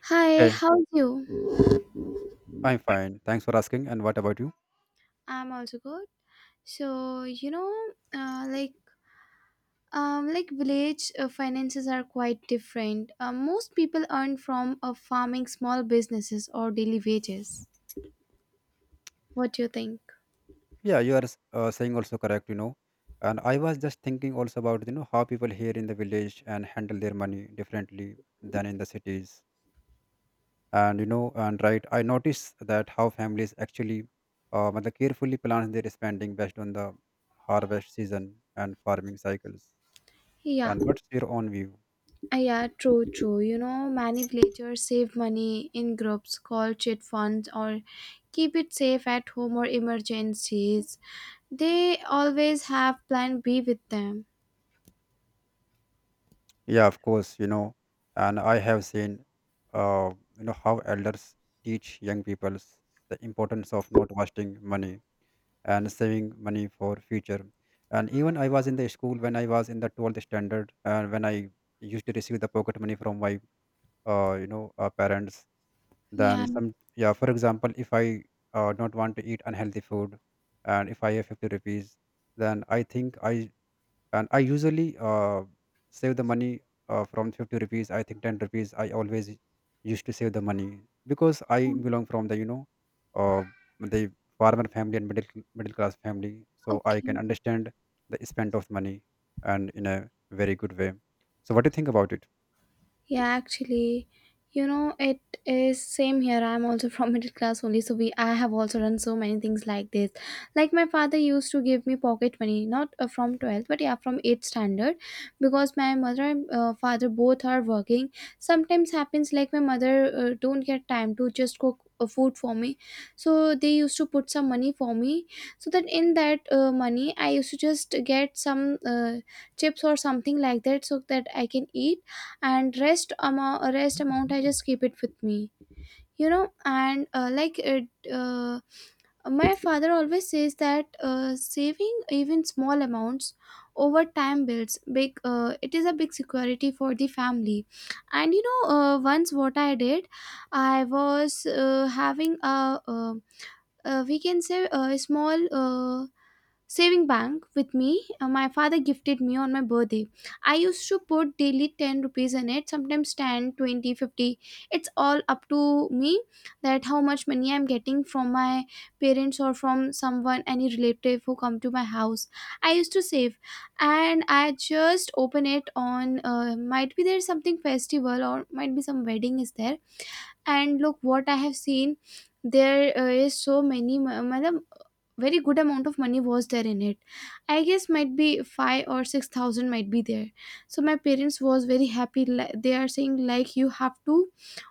Hi, Hey, how's you? I'm fine. Thanks for asking. And what about you? I'm also good. So, you know, uh, like village finances are quite different. Most people earn from farming, small businesses or daily wages. What do you think? Yeah, you are saying also correct, you know. And I was just thinking also about, you know, how people here in the village and handle their money differently than in the cities. And, you know, and right, I noticed that how families actually matlab carefully plan their spending based on the harvest season and farming cycles. Yeah, And what's your own view? Yeah, true. You know, many villagers save money in groups called chit funds or keep it safe at home or emergencies. They always have plan B with them. Yeah, of course, you know, and I have seen, uh, you know, how elders teach young peoples the importance of not wasting money and saving money for future. And even I was in the school when I was in the 12th standard, and when I used to receive the pocket money from my, parents. Then Yeah. some, yeah, for example, if I don't want to eat unhealthy food, and if I have 50 rupees, then I think I and I usually save the money from 50 rupees I think 10 rupees I always used to save the money because I belong from the, you know, uh, the farmer family and middle class family, so I can Okay. understand the spend of money and in a very good way. So what do you think about it? Yeah, actually, you know, it is same here. I'm also from middle class only, so we I have also done so many things like this. Like my father used to give me pocket money, not from 12th, but yeah, from 8th standard, because my mother and father both are working. Sometimes happens like my mother don't get time to just cook food for me, so they used to put some money for me, so that in that money I used to just get some chips or something like that, so that I can eat, and rest amount I just keep it with me. You know, and like it my father always says that saving even small amounts over time builds big it is a big security for the family. And you know, once what I did, I was having a, we can say, a small saving bank with me. My father gifted me on my birthday. I used to put daily 10 rupees in it, sometimes 10, 20, 50. It's all up to me, that how much money I'm getting from my parents or from someone, any relative who come to my house, I used to save. And I just open it on might be there's something festival or might be some wedding is there. And look what I have seen, there is so many very good amount of money was there in it. I guess might be 5 or 6,000 might be there. So my parents was very happy, they are saying like you have to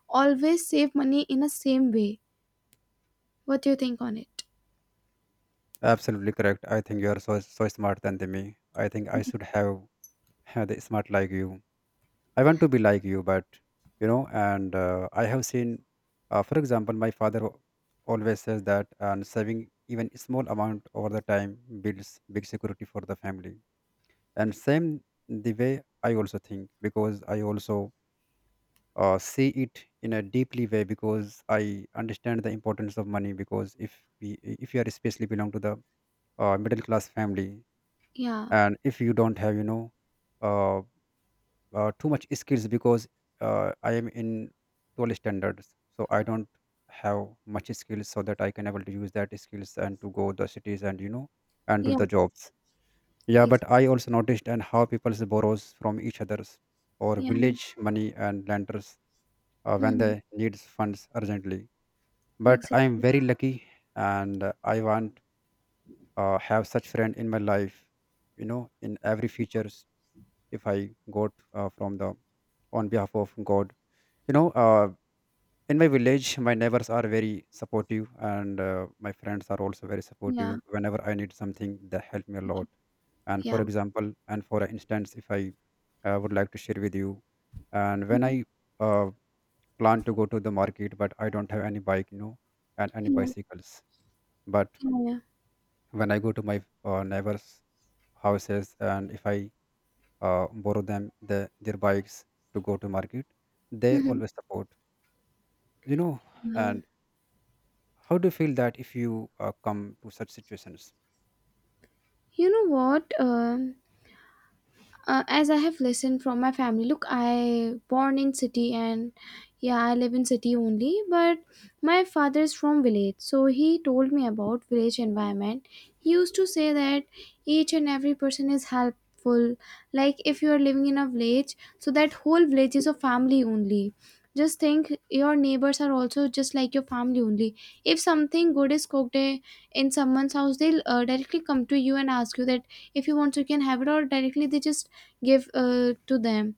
always save money in a same way. What do you think on it? Absolutely correct. I think you are so smart than the me. I think I should have had the smart like you. I want to be like you, but you know, and I have seen, for example, my father always says that, and saving even small amount over the time builds big security for the family. And same the way I also think because I also see it in a deeply way because I understand the importance of money because if you are especially belong to the middle class family. yeah And if you don't have, you know, uh, too much skills because I am in 12 standards. So I don't have much skills so that I can able to use that skills and to go the cities and, you know, and do yeah the jobs. Yeah, ex- but I also noticed and how people borrows from each others or yeah village money and lenders when Mhm. they needs funds urgently. But I am Exactly. very lucky, and I want have such friend in my life. You know, in every features if I got from the on behalf of God, you know, in my village my neighbors are very supportive and my friends are also very supportive yeah whenever I need something they help me a lot. And for yeah example and for instance if I would like to share with you, and when I Mhm. uh, plan to go to the market but I don't have any bike, you know, and any yeah bicycles, but yeah, yeah. when I go to my neighbors houses, and if I borrow them the, their bikes to go to market, they Mhm. always support, you know. Yeah. And how do you feel that if you come to such situations? You know what? As I have listened from my family, look, I born in city, and yeah, I live in city only, but my father is from village, so he told me about village environment. He used to say that each and every person is helpful. Like if you are living in a village, so that whole village is a family only. Just think your neighbors are also just like your family only. If something good is cooked, in someone's house, they'll directly come to you and ask you that, if you want, you can have it, or directly they just give to them.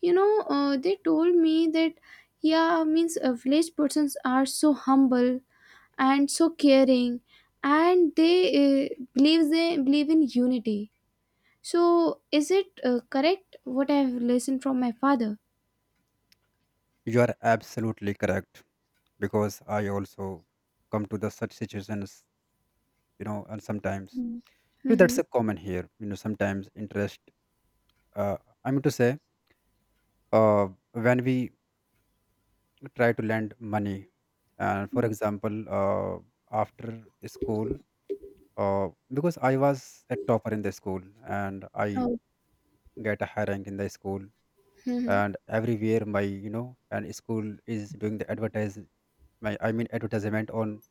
You know, they told me that yeah means village persons are so humble and so caring, and they uh, believe they believe in unity. So is it correct, what I have listened from my father? You are absolutely correct because I also come to the such situations, you know, and sometimes you know, that's Mm-hmm. a common here. You know, sometimes interest. Uh, I mean to say, uh, when we try to lend money, and for example, after school, uh, because I was a topper in the school and I Oh. get a high rank in the school, Mm-hmm. and everywhere my, you know, and school is doing the advertise, my advertisement on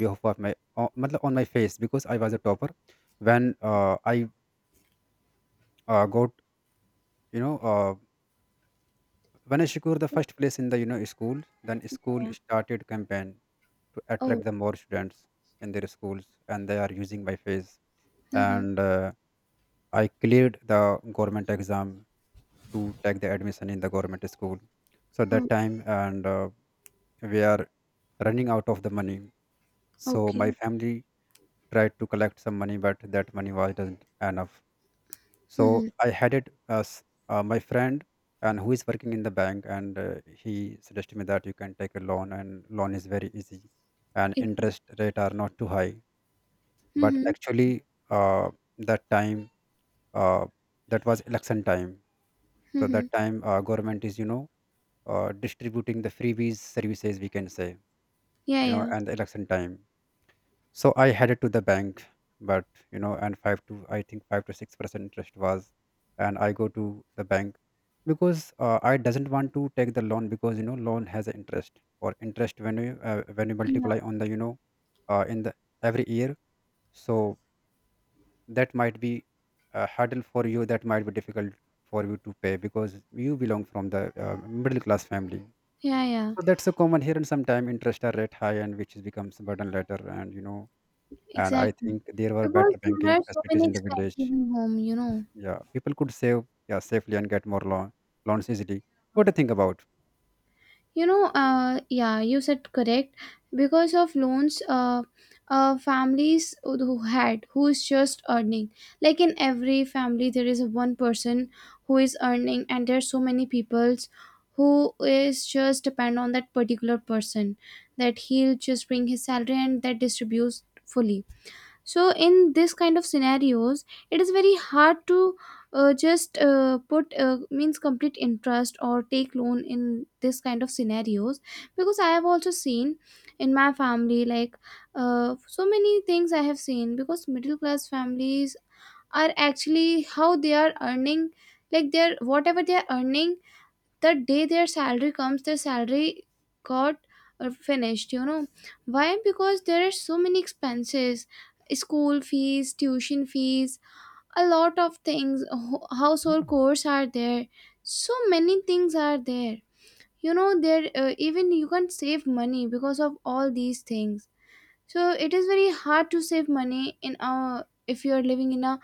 behalf of my matlab on my face because I was a topper. When I got, you know, when I secured the first place in the, you know, school, then school Yeah. started campaign to attract Oh. the more students in their schools, and they are using my face. Mm-hmm. And I cleared the government exam to take the admission in the government school. So that Oh. time and we are running out of the money, so my Okay. family tried to collect some money, but that money wasn't enough. So Mm-hmm. I had it as my friend and who is working in the bank, and he suggested me that you can take a loan, and loan is very easy, and interest rate are not too high. But Mm-hmm. actually, uh, that time uh, that was election time, so that Mm-hmm. time government is, you know, distributing the freebies services we can say, Yeah. you know, Yeah. and the election time. So I headed to the bank, but you know, and five to I think 5 to 6% interest was, and I go to the bank because I doesn't want to take the loan because you know loan has an interest or interest when you Yeah. multiply on the, you know, in the every year, so that might be a hurdle for you. That might be difficult for you to pay because you belong from the middle class family. Yeah. Yeah. So that's a common here, and sometime interest are rate high, and which is becomes a burden later, and you know, and I Exactly. think there were Because better there banking are so facilities many in the expenses village. in home, you know. Yeah, people could save, yeah, safely and get more loan loans easily. What do you think about? Yeah, you said correct. Because of loans, families who had, who is just earning, like in every family there is one person who is earning, and there are so many peoples who is just depend on that particular person, that he'll just bring his salary and that distributes fully. So in this kind of scenarios, it is very hard to just put means complete interest or take loan in this kind of scenarios, because I have also seen in my family. Like so many things I have seen, because middle class families are actually how they are earning. Like they're whatever they are earning, the day their salary comes, their salary got finished, you know. Why? Because there are so many expenses: school fees, tuition fees, a lot of things, household chores are there, so many things are there. You know, there even you can save money because of all these things. So it is very hard to save money in our, if you are living in a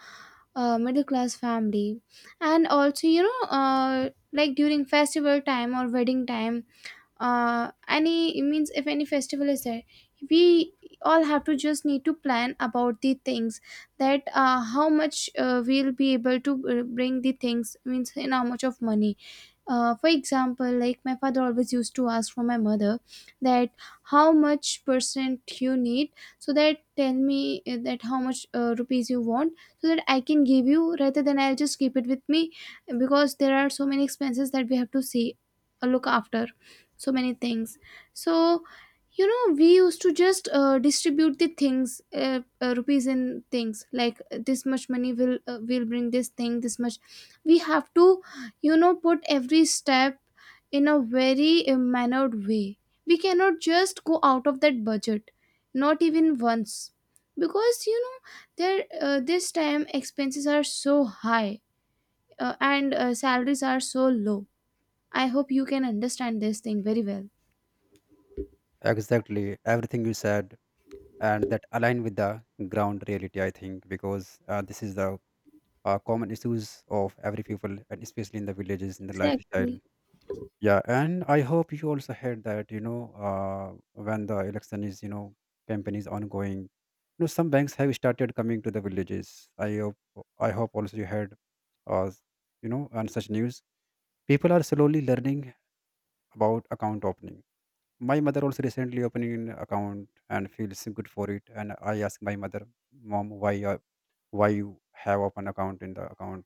middle class family. And also you know, like during festival time or wedding time, any, it means if any festival is there, we all have to just need to plan about the things, that how much we'll be able to bring the things, means in how much of money. For example, like my father always used to ask from my mother that how much percent you need, so that tell me that how much rupees you want, so that I can give you, rather than I'll just keep it with me. Because there are so many expenses that we have to see, look after, so many things. So you know, we used to just distribute the things, rupees in things, like this much money will bring this thing, this much we have to, you know, put every step in a very mannered way. We cannot just go out of that budget, not even once. Because you know, there this time expenses are so high, and salaries are so low. I hope you can understand this thing very well. Exactly, everything you said, and that align with the ground reality. I think because this is the common issues of every people, and especially in the villages in the lifestyle. Exactly. Yeah, and I hope you also heard that, you know, when the election is, you know, campaign is ongoing, you know, some banks have started coming to the villages. I hope also you heard, uh, you know, on such news. People are slowly learning about account opening. My mother also recently opening an account and feels good for it. And I asked my mother, Mom, why you have open account in the account?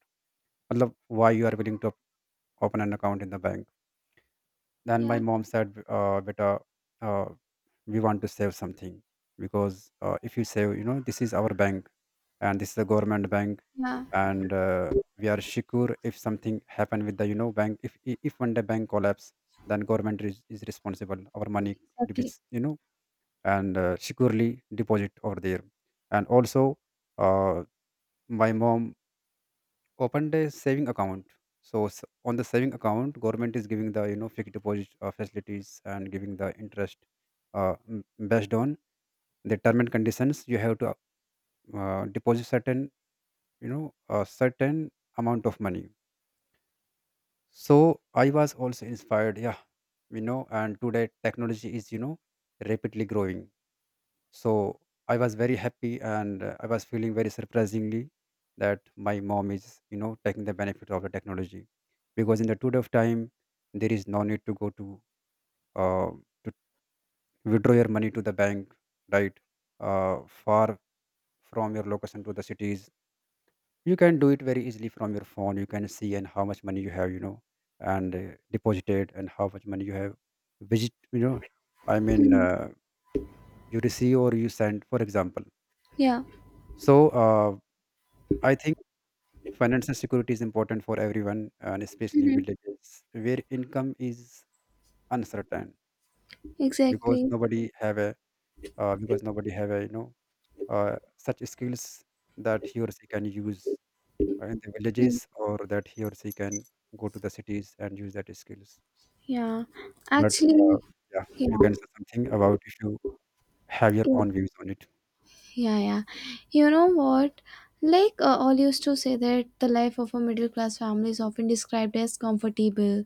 Matlab, why you are willing to open an account in the bank? Then Yeah, my mom said, "Beta, uh, we want to save something because if you save, you know, this is our bank, and this is a government bank, yeah, and we are secure if something happen with the, you know, bank. If one day bank collapse, then government is responsible. Our money could be, exactly. You know, and securely deposit over there, and also." Uh, my mom opened a saving account, so on the saving account government is giving the, you know, fixed deposit facilities and giving the interest uh, m- based on the term and conditions. You have to deposit certain, you know, a certain amount of money. So I was also inspired, yeah, you know, and today technology is, you know, rapidly growing. So I was very happy and I was feeling very surprisingly that my mom is, you know, taking the benefit of the technology because in the period of time there is no need to go to uh, to withdraw your money to the bank, right? Far from your location to the cities, you can do it very easily from your phone. You can see and how much money you have, you know, and deposited and how much money you have, visit, you know, I mean, Mhm. You receive or you send, for example. Yeah, So I think financial security is important for everyone, and especially mhm. villages where income is uncertain because Exactly. nobody have a because nobody have a, you know, such skills that he or she can use in the Mm. villages or that he or she can go to the cities and use that skills. Yeah, But uh, actually, yeah, yeah, you can say something about if you have your yeah, own views on it. Yeah. You know what? Like, all used to say that the life of a middle class family is often described as comfortable,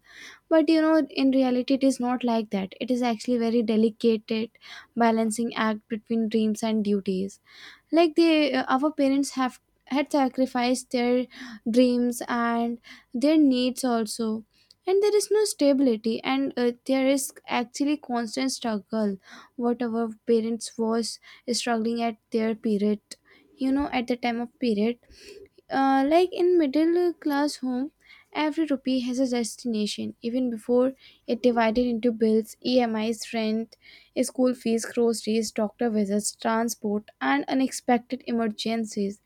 but you know, in reality, it is not like that. It is actually very delicate balancing act between dreams and duties. Like they our parents have had sacrificed their dreams and their needs also, and there is no stability, and there is actually constant struggle what our parents was struggling at their period, you know, at the time of period. Like in middle class home, every rupee has a destination even before it divided into bills, EMIs, rent, school fees, groceries, doctor visits, transport, and unexpected emergencies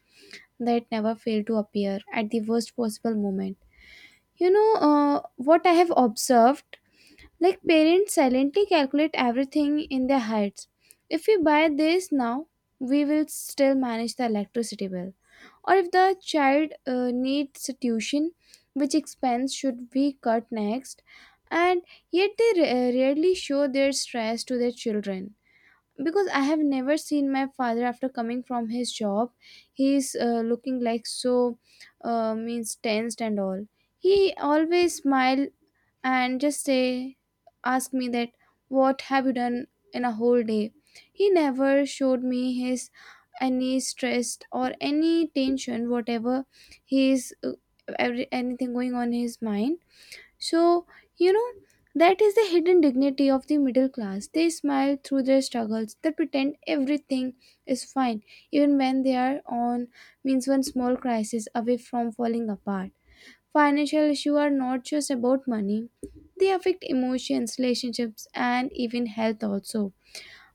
that never fail to appear at the worst possible moment. You know, what I have observed? Like parents silently calculate everything in their heads. If we buy this now, we will still manage the electricity bill, or if the child needs tuition, which expense should be cut next? And yet they rarely show their stress to their children, because I have never seen my father after coming from his job, he's looking like so means tensed and all. He always smile and just say, ask me that what have you done in a whole day. He never showed me his any stress or any tension, whatever his anything going on in his mind. So you know, that is the hidden dignity of the middle class. They smile through their struggles, they pretend everything is fine even when they are on, means, one small crisis away from falling apart. Financial issues are not just about money, they affect emotions, relationships, and even health also.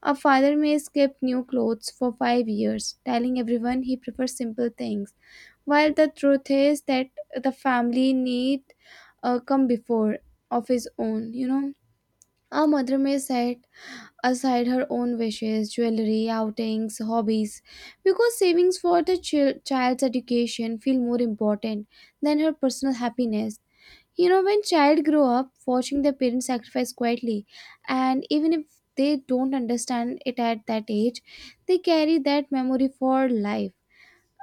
A father may skip new clothes for 5 years, telling everyone he prefers simple things, while the truth is that the family need come before of his own, you know. A mother may set aside her own wishes, jewelry, outings, hobbies, because savings for the child's education feel more important than her personal happiness. You know, when child grow up watching their parents sacrifice quietly, and even if they don't understand it at that age, they carry that memory for life.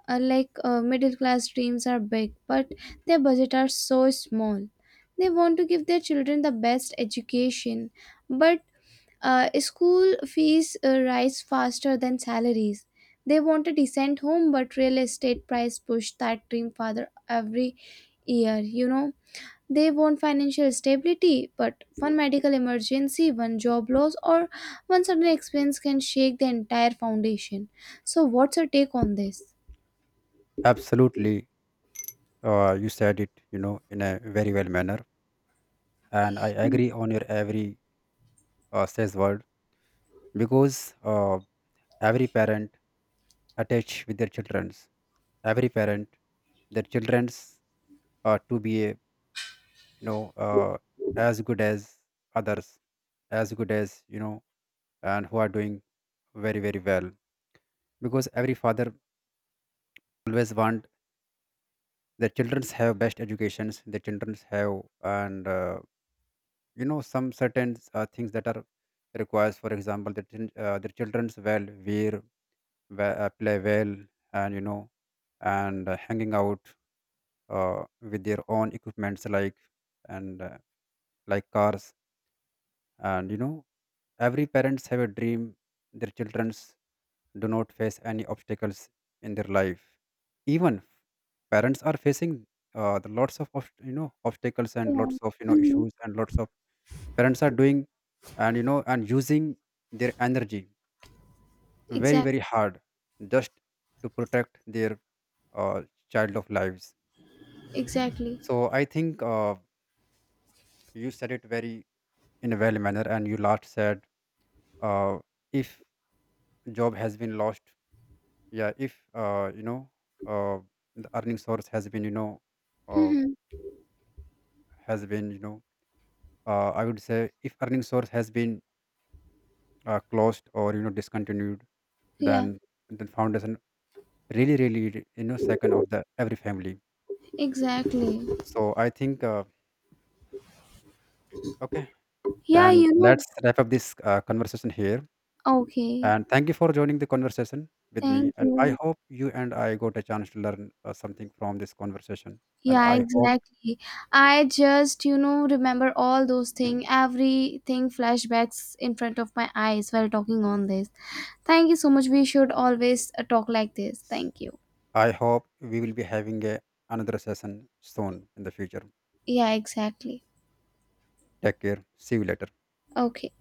Unlike middle class dreams are big, but their budget are so small. They want to give their children the best education, but school fees rise faster than salaries. They want a decent home, but real estate price push that dream farther every year. You know, they want financial stability, but one medical emergency, one job loss, or one sudden expense can shake the entire foundation. So, what's your take on this? Absolutely, you said it, you know, in a very well manner, and I agree on your every says word because every parent attached with their children's, every parent their children's to be a, you know, as good as others, as good as, you know, and who are doing very well, because every father always want their children's have best educations, their children's have, and you know, some certain things that are requires, for example the children's well wear, play well, and you know, and hanging out with their own equipments, like, and like cars, and you know, every parents have a dream their childrens do not face any obstacles in their life, even parents are facing the lots of you know obstacles and Yeah. lots of, you know, Mm-hmm. issues and lots of parents are doing and, you know, and using their energy very Exactly. very hard just to protect their uh, child of lives. Exactly. So I think you said it very in a well manner, and you last said uh, if job has been lost, yeah, if you know uh, the earning source has been, you know, uh, Mm-hmm. has been you know I would say if earning source has been closed or, you know, discontinued, then Yeah. the foundation really you know second of the every family. Exactly. So I think okay, Yeah. and You know. let's wrap up this conversation here. Okay. And thank you for joining the conversation with me. Thank And I you. hope you and I got a chance to learn something from this conversation. And Yeah, exactly. I just, you know, remember all those things, everything flashbacks in front of my eyes while talking on this. Thank you so much. We should always talk like this. Thank you. I hope we will be having a, another session soon in the future. Yeah, exactly. Take care. See you later. Okay.